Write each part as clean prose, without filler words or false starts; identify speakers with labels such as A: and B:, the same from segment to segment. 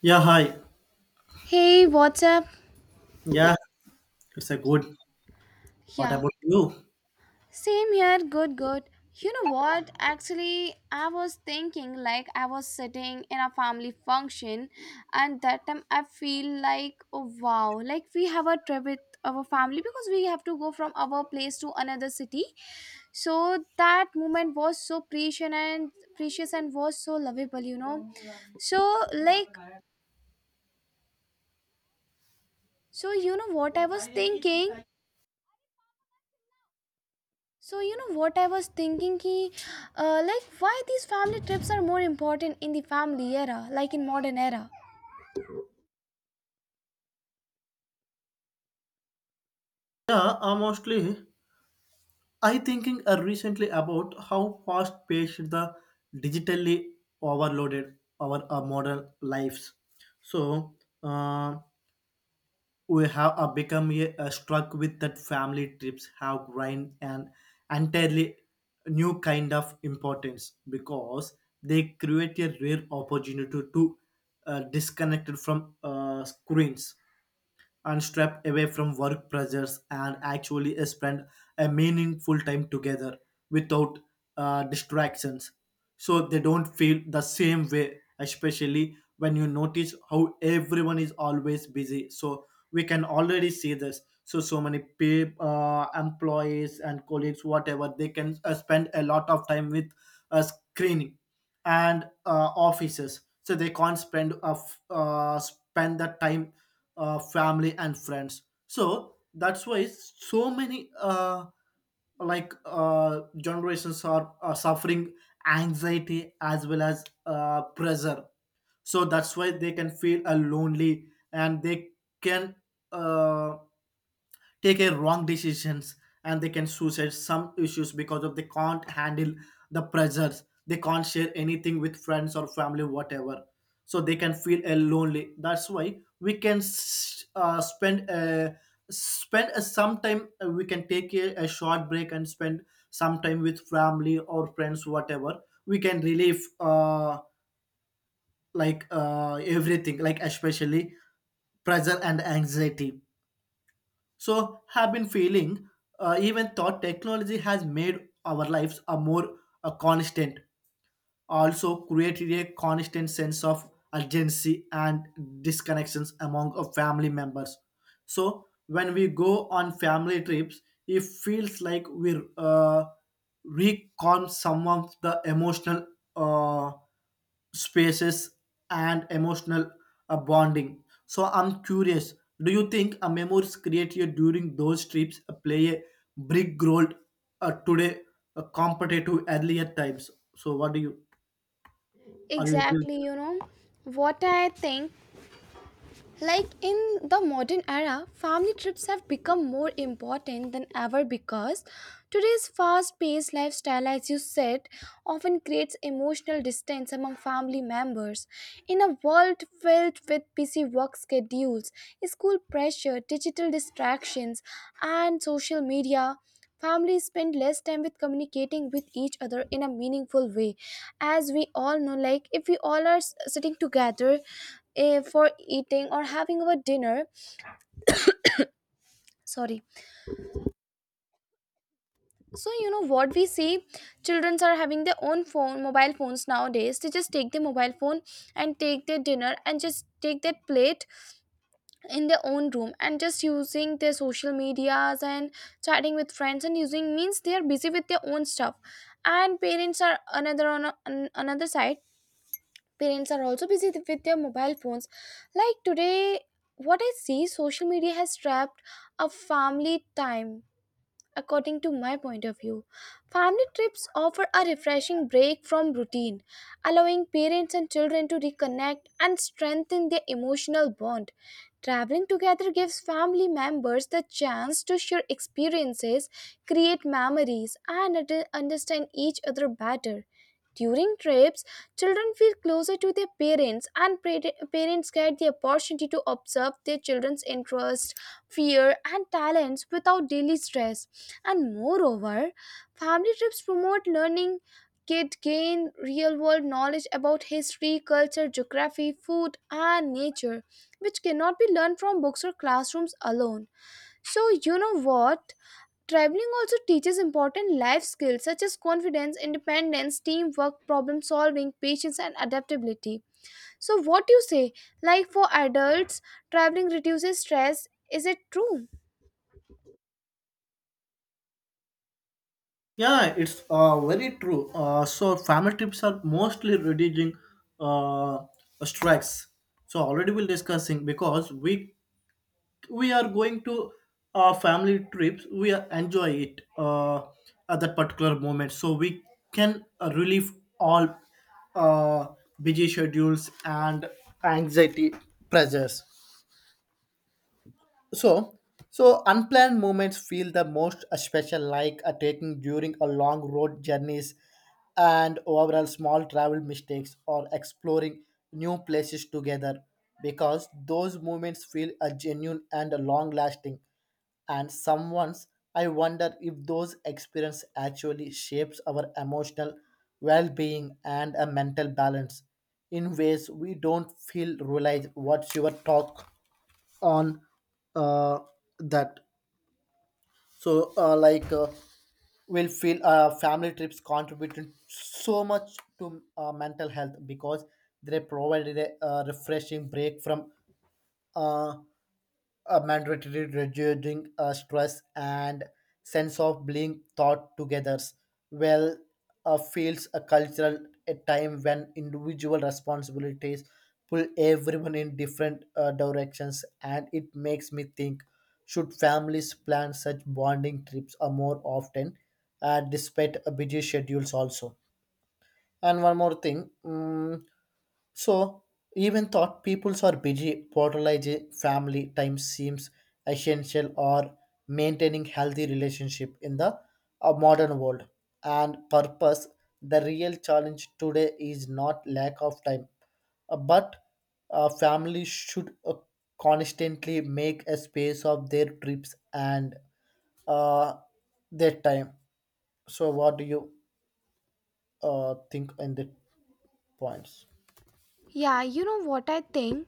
A: Yeah, hi.
B: Hey, what's up?
A: Yeah, it's a good. What
B: Yeah,
A: about you?
B: same here. Good, good. You know what? Actually, I was thinking, like I was sitting in a family function, and that time I feel like, oh wow, like we have a trip with our family because we have to go from our place to another city. So that moment was so precious and was so lovable. So like, so you know what I was thinking? So you know what I was thinking like why these family trips are more important in the family era, like in modern era.
A: Yeah, mostly I thinking recently about how fast paced the digitally overloaded our modern lives. So uh, we have become a, struck with that family trips have gained an entirely new kind of importance because they create a rare opportunity to disconnect from screens and step away from work pressures and actually spend a meaningful time together without distractions, so they don't feel the same way, especially when you notice how everyone is always busy. So we can already see this, so so many employees and colleagues, whatever they can spend a lot of time with screening and offices, so they can't spend spend that time family and friends. So that's why so many generations are suffering anxiety as well as pressure, so that's why they can feel lonely, and they can uh, take a wrong decisions, and they can suicide some issues because of they can't handle the pressures, they can't share anything with friends or family whatever. So they can feel lonely, that's why we can spend some time, we can take a short break and spend some time with family or friends whatever. We can relieve everything, like especially pressure and anxiety, so have been feeling even thought technology has made our lives a more a constant, also created a constant sense of urgency and disconnections among our family members. So when we go on family trips, it feels like we recon some of the emotional uh, spaces and emotional bonding. So I'm curious, do you think a memories created during those trips play a big role today compared to earlier times? So what do you? I agree.
B: Exactly, you know what I think? Like in the modern era, family trips have become more important than ever because today's fast paced lifestyle, as you said, often creates emotional distance among family members. In a world filled with busy work schedules, school pressure, digital distractions, and social media, families spend less time with communicating with each other in a meaningful way. As we all know, like if we all are sitting together, for eating or having our dinner, sorry. So, you know what we see? Children are having their own phone, mobile phones nowadays. They just take their mobile phone and take their dinner and just take that plate in their own room and just using their social medias and chatting with friends and using, means they are busy with their own stuff, and parents are another on another side. Parents are also busy with their mobile phones. Like today, what I see, social media has trapped a family time, according to my point of view. Family trips offer a refreshing break from routine, allowing parents and children to reconnect and strengthen their emotional bond. Traveling together gives family members the chance to share experiences, create memories, and understand each other better. During trips, children feel closer to their parents, and parents get the opportunity to observe their children's interests, fear, and talents without daily stress. And moreover, family trips promote learning. Kids gain real world knowledge about history, culture, geography, food, and nature, which cannot be learned from books or classrooms alone. So, you know what? Traveling also teaches important life skills such as confidence, independence, teamwork, problem solving, patience, and adaptability. So, what do you say? Like for adults, traveling reduces stress. Is it true?
A: Yeah, it's very true. So family trips are mostly reducing uh, strikes. So already we'll discussing because we are going to family trips. We are enjoy it at that particular moment. So we can relieve all uh, busy schedules and anxiety pressures. So, so unplanned moments feel the most special, like a taking during a long road journeys, and overall small travel mistakes or exploring new places together, because those moments feel a genuine and a long lasting. And someone's, I wonder if those experience actually shapes our emotional well-being and a mental balance in ways we don't feel realize. What's your talk on uh, that? So will feel family trips contributed so much to mental health because they provided a refreshing break from uh, mandatory reducing stress and sense of being thought together well, feels a cultural a time when individual responsibilities pull everyone in different directions, and it makes me think should families plan such bonding trips more often despite busy schedules also. And one more thing, so even thought peoples are busy, prioritizing family time seems essential or maintaining healthy relationship in the modern world. And purpose, the real challenge today is not lack of time, but family should constantly make a space of their trips and uh, their time. So, what do you think in the points?
B: Yeah, you know what I think?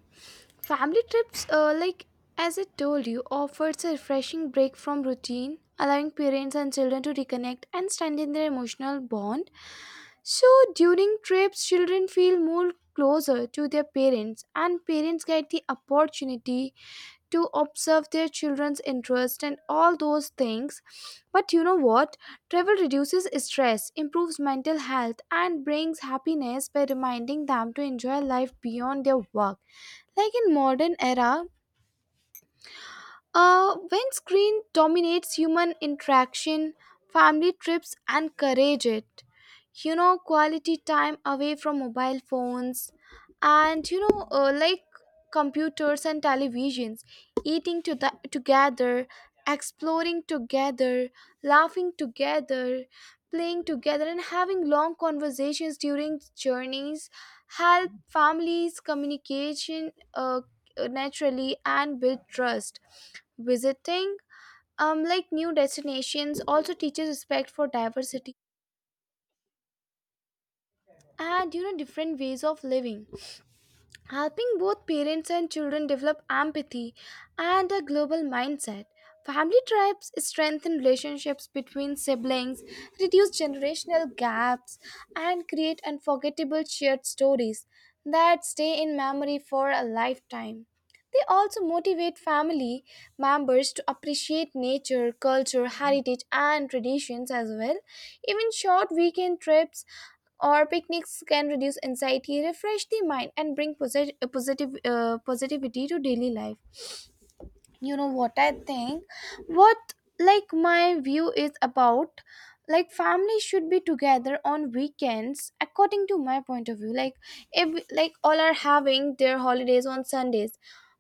B: Family trips, like as I told you, offers a refreshing break from routine, allowing parents and children to reconnect and strengthen their emotional bond. So during trips, children feel more closer to their parents, and parents get the opportunity to observe their children's interest and all those things. But you know what? Travel reduces stress, improves mental health, and brings happiness by reminding them to enjoy life beyond their work. Like in modern era, when screen dominates human interaction, family trips encourage it. You know, quality time away from mobile phones and, computers and televisions, eating to the, together, exploring together, laughing together, playing together, and having long conversations during journeys help families communication naturally and build trust, visiting like new destinations, also teaches respect for diversity and, you know, different ways of living, helping both parents and children develop empathy and a global mindset. Family tribes strengthen relationships between siblings, reduce generational gaps, and create unforgettable shared stories that stay in memory for a lifetime. They also motivate family members to appreciate nature, culture, heritage, and traditions as well. Even short weekend trips or picnics can reduce anxiety, refresh the mind, and bring posit- positive positivity to daily life. You know what I think? What Like my view is about, like family should be together on weekends, according to my point of view. Like if like all are having their holidays on Sundays,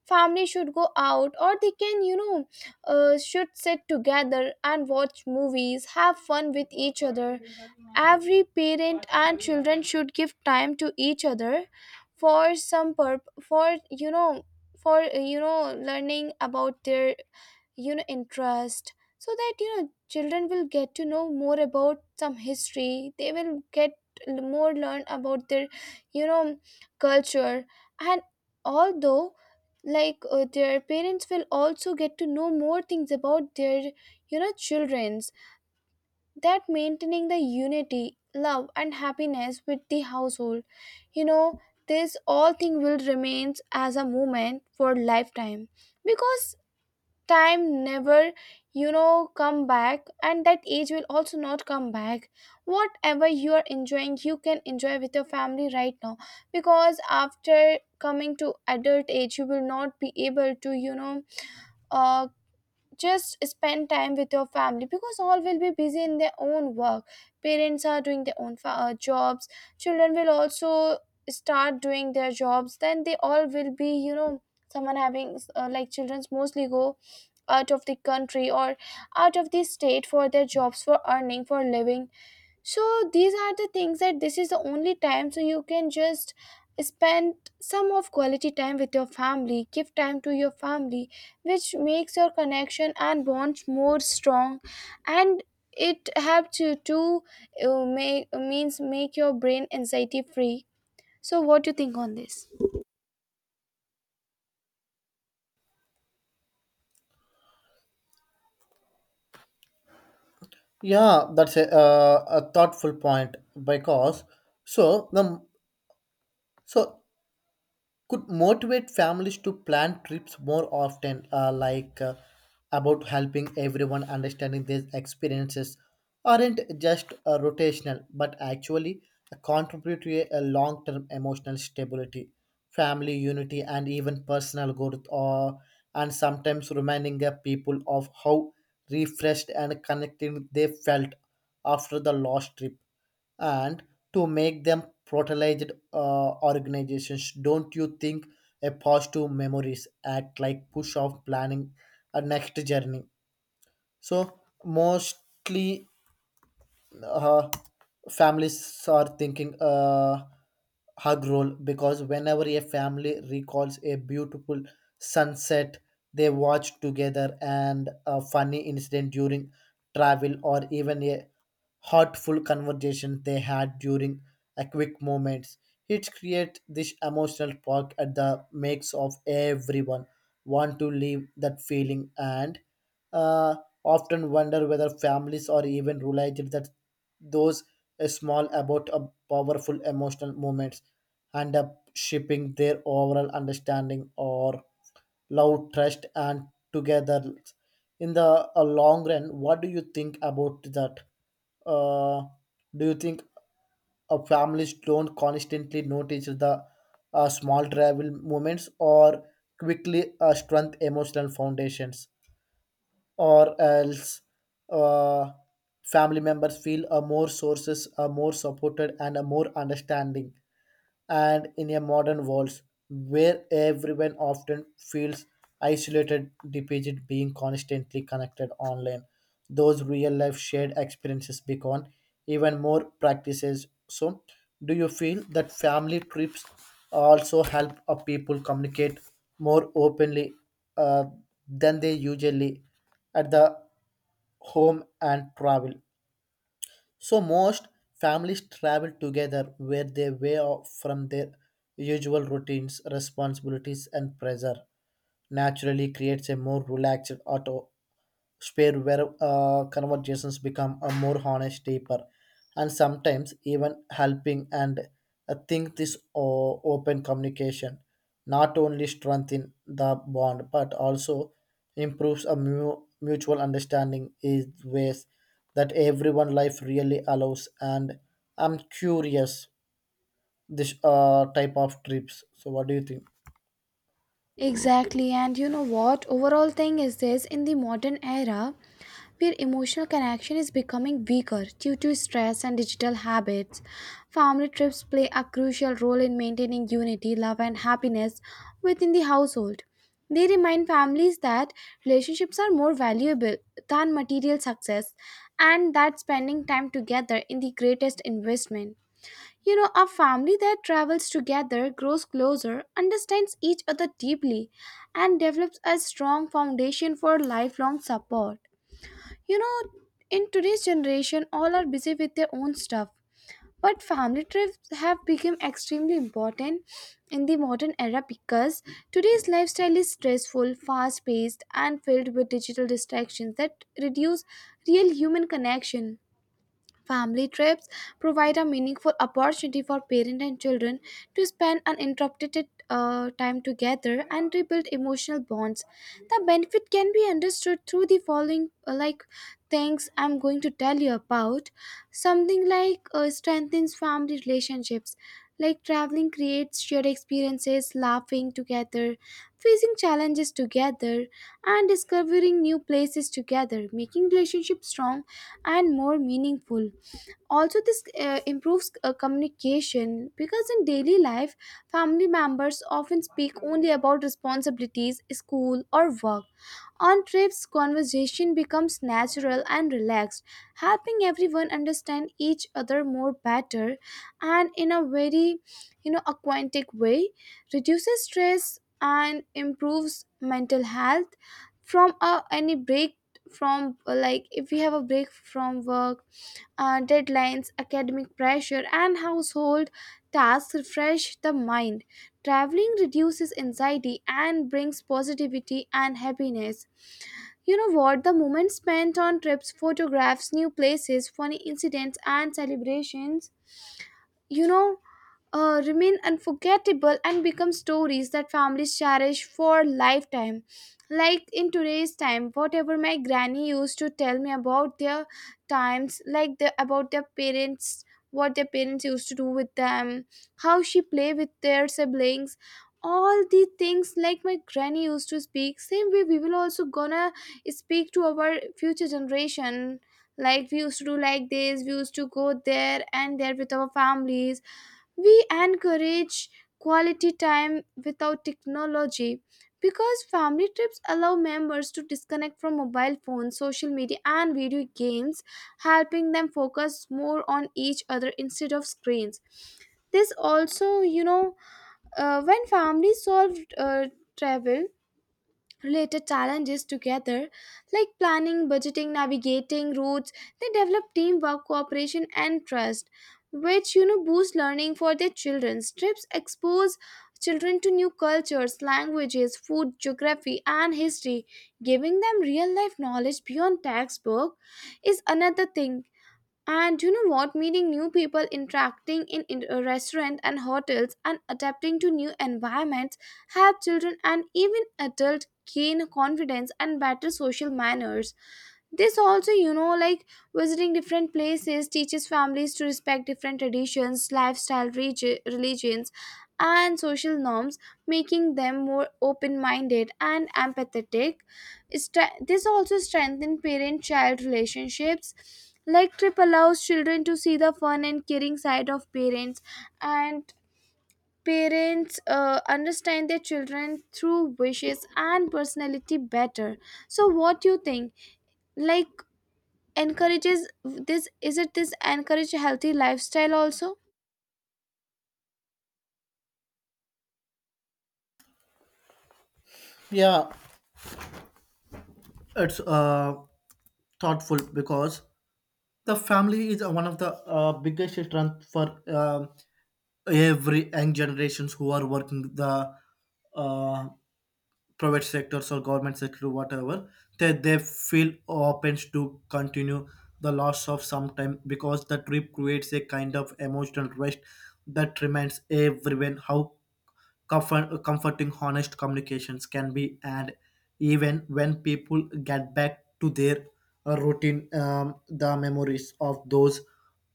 B: family should go out, or they can, you know, should sit together and watch movies, have fun with each other. Every parent and children should give time to each other for some purp for you know learning about their, you know, interest, so that, you know, children will get to know more about some history. They will get more learn about their, you know, culture. And although, like their parents will also get to know more things about their, you know, children, that maintaining the unity, love, and happiness with the household, you know, this all thing will remains as a moment for lifetime, because time never, you know, come back, and that age will also not come back. Whatever you are enjoying, you can enjoy with your family right now, because after coming to adult age you will not be able to, you know, uh, just spend time with your family, because all will be busy in their own work. Parents are doing their own jobs. Children will also start doing their jobs, then they all will be, you know, someone having, like children's mostly go out of the country or out of the state for their jobs, for earning, for living. So these are the things that, this is the only time, so you can just spend some of quality time with your family, give time to your family, which makes your connection and bonds more strong, and it helps you to make your brain anxiety free. So what do you think on this?
A: Yeah, that's a thoughtful point because so the so could motivate families to plan trips more often, about helping everyone understanding these experiences aren't just rotational, but actually contribute to a long-term emotional stability, family unity, and even personal growth, or and sometimes reminding the people of how refreshed and connected they felt after the last trip, and to make them protected organizations. Don't you think a positive memories act like push of planning a next journey? So mostly uh, families are thinking hug roll, because whenever a family recalls a beautiful sunset they watch together and a funny incident during travel or even a heartful conversation they had during a quick moments, it creates this emotional spark at the makes of everyone want to leave that feeling and uh, often wonder whether families or even realized that those small about a powerful emotional moments and up shaping their overall understanding or love trust and together in the long run. What do you think about that? Uh, do you think families don't constantly notice the small travel moments or quickly strength emotional foundations, or else uh, family members feel a more sources are more supported and a more understanding. And in a modern world where everyone often feels isolated depicted being constantly connected online, those real life shared experiences become even more practices. So do you feel that family trips also help a people communicate more openly uh, than they usually at the home and travel? So most families travel together where they way off from their usual routines, responsibilities and pressure, naturally creates a more relaxed auto space where conversations become a more honest, deeper, and sometimes even helping. And I think this open communication not only strengthen the bond but also improves a mutual understanding is ways that everyone life really allows. And I'm curious this type of trips. So what do you think?
B: Exactly, and you know what? Overall thing is this, in the modern era where emotional connection is becoming weaker due to stress and digital habits, family trips play a crucial role in maintaining unity, love, and happiness within the household. They remind families that relationships are more valuable than material success, and that spending time together is the greatest investment. You know, a family that travels together grows closer, understands each other deeply, and develops a strong foundation for lifelong support. You know, in today's generation, all are busy with their own stuff, but family trips have become extremely important in the modern era because today's lifestyle is stressful, fast paced, and filled with digital distractions that reduce real human connection. Family trips provide a meaningful opportunity for parents and children to spend uninterrupted time together and rebuild emotional bonds. The benefit can be understood through the following like things I'm going to tell you about. Something like strengthens family relationships. Like traveling creates shared experiences, laughing together, facing challenges together, and discovering new places together, making relationships strong and more meaningful. Also this improves communication, because in daily life family members often speak only about responsibilities, school, or work. On trips, conversation becomes natural and relaxed, helping everyone understand each other more better, and in a very, you know, aquatic way, reduces stress and improves mental health. From any break from like if we have a break from work, deadlines, academic pressure, and household tasks refresh the mind. Traveling reduces anxiety and brings positivity and happiness. You know what? The moment spent on trips, photographs, new places, funny incidents, and celebrations, you know, remain unforgettable and become stories that families cherish for lifetime. Like in today's time, whatever my granny used to tell me about their times, like the, about their parents, what their parents used to do with them, how she play with their siblings, all the things like my granny used to speak. Same way, we will also gonna speak to our future generation. Like we used to do like this, we used to go there and there with our families. We encourage quality time without technology, because family trips allow members to disconnect from mobile phones, social media, and video games, helping them focus more on each other instead of screens. This also, you know, when families solve travel related challenges together, like planning, budgeting, navigating routes, they develop teamwork, cooperation, and trust, which, you know, boost learning for their children. Trips expose children to new cultures, languages, food, geography, and history, giving them real life knowledge beyond textbook, is another thing. And you know what? Meeting new people, interacting in a restaurant and hotels, and adapting to new environments help children and even adults gain confidence and better social manners. This also, visiting different places teaches families to respect different traditions, lifestyle, religions, and social norms, making them more open-minded and empathetic. This also strengthens parent-child relationships, like trip allows children to see the fun and caring side of parents, and parents understand their children through wishes and personality better. So what do you think, like, encourages this, is it this encourage healthy lifestyle also?
A: Yeah, it's thoughtful because the family is one of the biggest strength for every young generations who are working the uh, private sectors or government sector whatever, they feel open to continue the loss of some time, because the trip creates a kind of emotional rest that reminds everyone how comforting honest communications can be, and even when people get back to their routine, the memories of those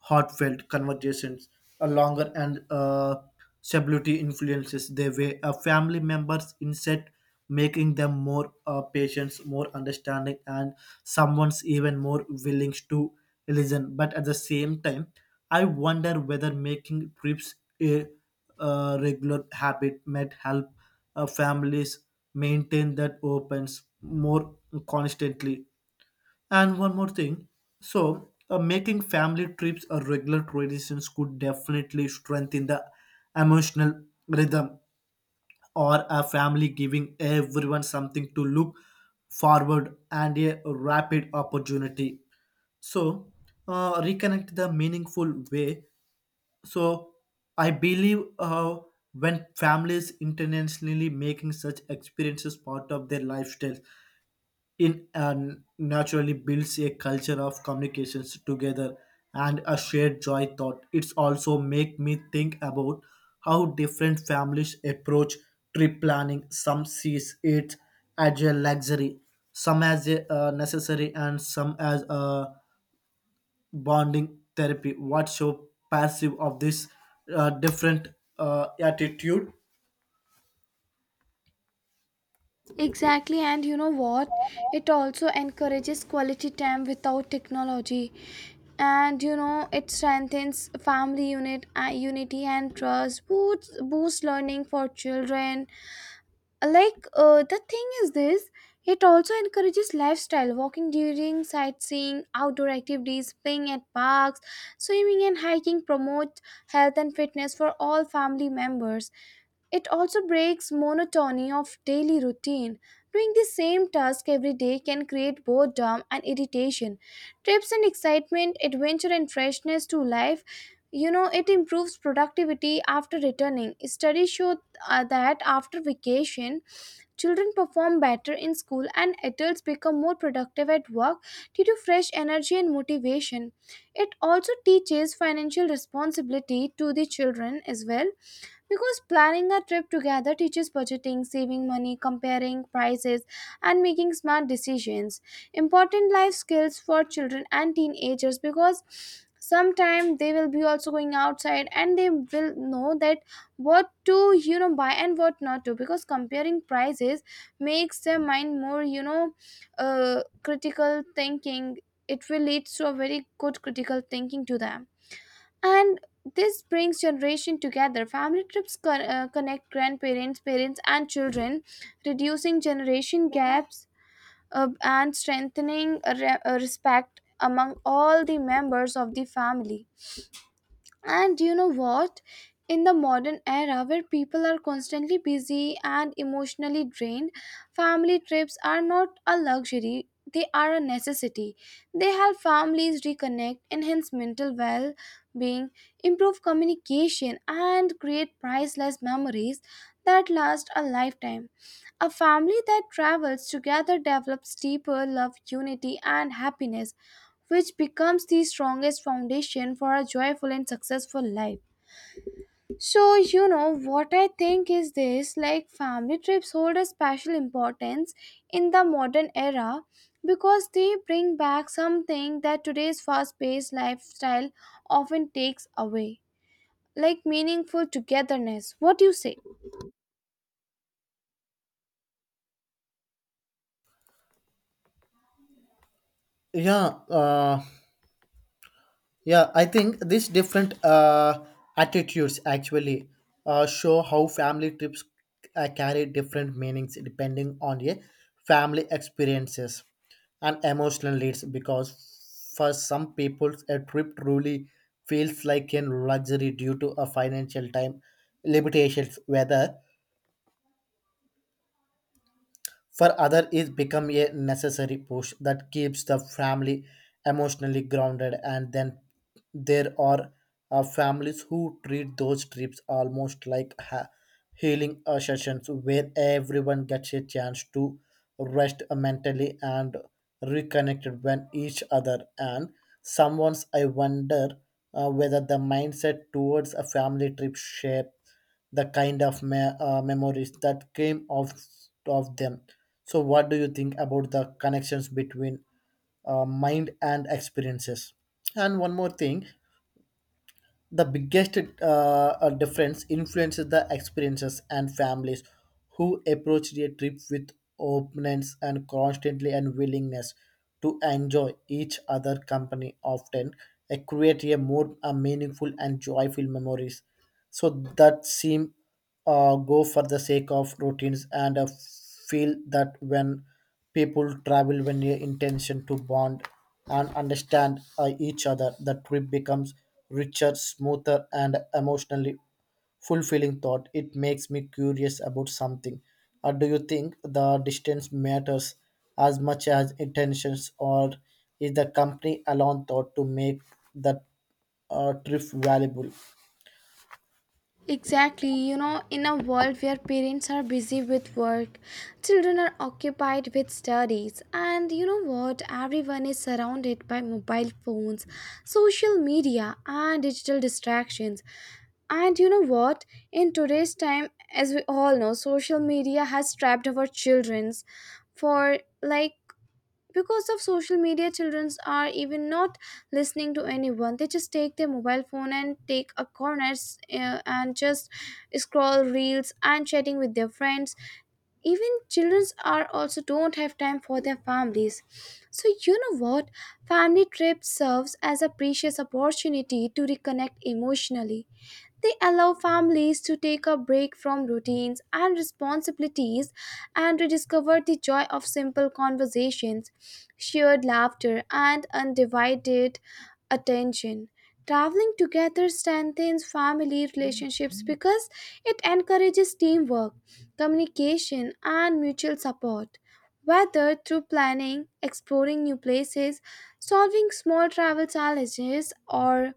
A: heartfelt conversations are longer and stability influences the way a family members instead, making them more patient, more understanding, and someone's even more willing to listen. But at the same time, I wonder whether making trips a regular habit might help families maintain that opens more constantly. And one more thing. So, making family trips a regular traditions could definitely strengthen the emotional rhythm or a family, giving everyone something to look forward and a rapid opportunity. So, reconnect the meaningful way. So, I believe when families intentionally making such experiences part of their lifestyle, in and naturally builds a culture of communications together and a shared joy thought. It's also make me think about how different families approach trip planning. Some sees it as a luxury, some as a necessary, and some as a bonding therapy. What's your perceive of this different attitude?
B: Exactly, and you know what, it also encourages quality time without technology. And you know, it strengthens family unity and trust, boosts learning for children. The thing is this, it also encourages lifestyle, walking during sightseeing, outdoor activities, playing at parks, swimming, and hiking promote health and fitness for all family members. It also breaks monotony of daily routine. Doing the same task every day can create boredom and irritation. Trips and excitement, adventure, and freshness to life. You know, it improves productivity after returning. Studies show that after vacation, children perform better in school and adults become more productive at work due to fresh energy and motivation. It also teaches financial responsibility to the children as well, because planning a trip together teaches budgeting, saving money, comparing prices, and making smart decisions. Important life skills for children and teenagers, because sometime they will be also going outside and they will know that what to, you know, buy and what not to, because comparing prices makes their mind more, critical thinking. It will lead to a very good critical thinking to them. And this brings generation together. Family trips connect grandparents, parents, and children, reducing generation gaps, and strengthening respect among all the members of the family. And you know what? In the modern era where people are constantly busy and emotionally drained, family trips are not a luxury, they are a necessity. They help families reconnect, enhance mental well being, improve communication, and create priceless memories that last a lifetime. A family that travels together develops deeper love, unity, and happiness, which becomes the strongest foundation for a joyful and successful life. So, you know, what I think is this, like, family trips hold a special importance in the modern era because they bring back something that today's fast paced lifestyle often takes away, like meaningful togetherness. What do you say?
A: Yeah, yeah, I think these different attitudes actually show how family trips carry different meanings depending on the family experiences and emotional needs. Because for some people, a trip truly feels like a luxury due to a financial time limitations, whether. For others, it become a necessary push that keeps the family emotionally grounded. And then there are families who treat those trips almost like healing sessions where everyone gets a chance to rest mentally and reconnect with each other. And someone's, I wonder whether the mindset towards a family trip shape the kind of memories that came out of them. So, what do you think about the connections between mind and experiences? And one more thing, the biggest difference influences the experiences and families who approach a trip with openness and constantly and willingness to enjoy each other company often create a more meaningful and joyful memories, so that seem go for the sake of routines and feel that when people travel when your intention to bond and understand each other, the trip becomes richer, smoother, and emotionally fulfilling thought. It makes me curious about something, or do you think the distance matters as much as intentions, or is the company alone thought to make that trip valuable?
B: Exactly, you know, in a world where parents are busy with work, children are occupied with studies, and you know what? Everyone is surrounded by mobile phones, social media, and digital distractions. And you know what? In today's time, as we all know, social media has trapped our children's, for like, because of social media children are even not listening to anyone, they just take their mobile phone and take a corner, and just scroll reels and chatting with their friends. Even children are also don't have time for their families. So you know what, family trip serves as a precious opportunity to reconnect emotionally. They allow families to take a break from routines and responsibilities and rediscover the joy of simple conversations, shared laughter, and undivided attention. Traveling together strengthens family relationships because it encourages teamwork, communication, and mutual support. Whether through planning, exploring new places, solving small travel challenges, or,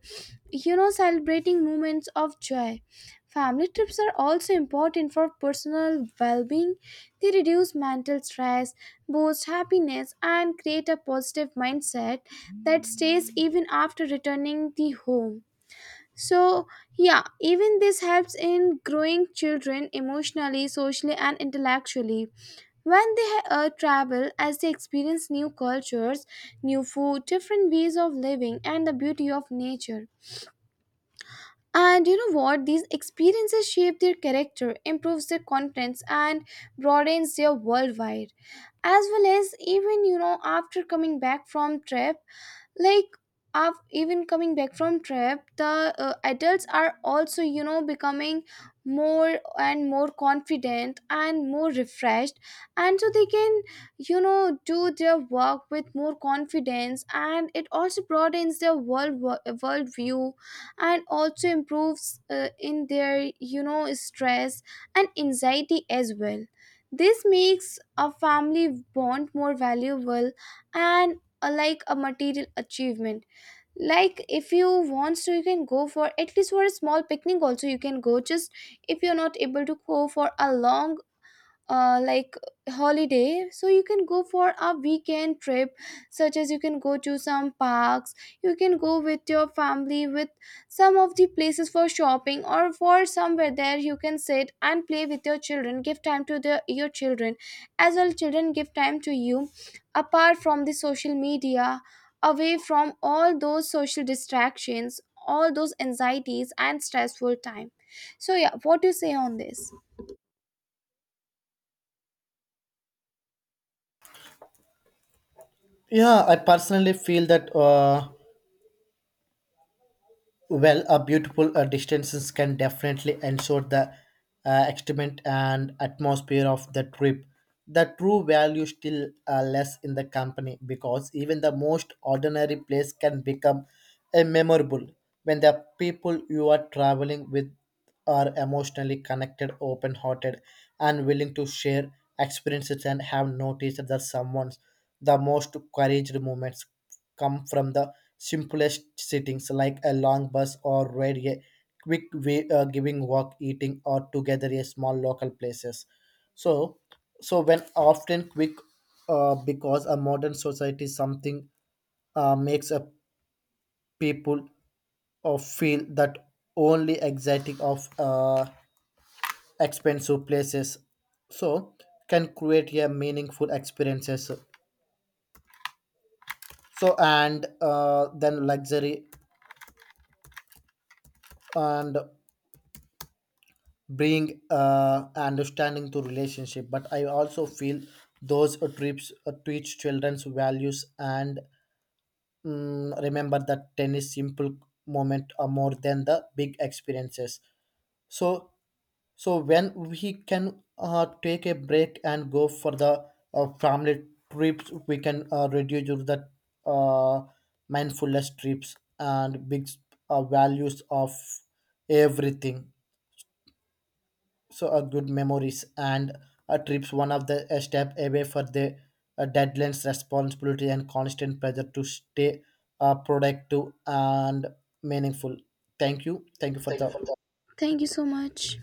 B: you know, celebrating moments of joy. Family trips are also important for personal well being. They reduce mental stress, boost happiness, and create a positive mindset that stays even after returning the home. So, yeah, even this helps in growing children emotionally, socially, and intellectually. When they travel, as they experience new cultures, new food, different ways of living, and the beauty of nature. And you know what? These experiences shape their character, improves their confidence, and broadens their worldwide. As well as, even, you know, after coming back from trip, like, af even coming back from trip the adults are also, you know, becoming more and more confident and more refreshed, and so they can, you know, do their work with more confidence, and it also broadens their world view, and also improves in their, you know, stress and anxiety as well. This makes a family bond more valuable, and like a material achievement. Like, if you want to, you can go for at least for a small picnic also, you can go. Just if you're not able to go for a long, uh, like holiday, so you can go for a weekend trip, such as you can go to some parks, you can go with your family with some of the places for shopping or for somewhere there, you can sit and play with your children, give time to your children, as well children give time to you, apart from the social media, away from all those social distractions, all those anxieties and stressful time. So yeah, what do you say on this?
A: Yeah, I personally feel that well, a beautiful distances can definitely ensure the excitement and atmosphere of the trip. The true value still less in the company, because even the most ordinary place can become a memorable when the people you are traveling with are emotionally connected, open-hearted, and willing to share experiences. And have noticed that someone's the most courage moments come from the simplest settings, like a long bus or ride a quick way giving walk eating or together a small local places. So so when often quick because a modern society something makes a people feel that only exotic of expensive places so can create a meaningful experiences. So and then luxury and bring understanding to relationship. But I also feel those trips teach children's values and, remember that tennis simple moment are more than the big experiences. So so when we can take a break and go for the family trips, we can reduce the uh, mindfulness trips and big values of everything. So a good memories and a trips one of the a step away for the deadlines responsibility and constant pressure to stay productive and meaningful. Thank you, thank you for the.
B: Thank you so much.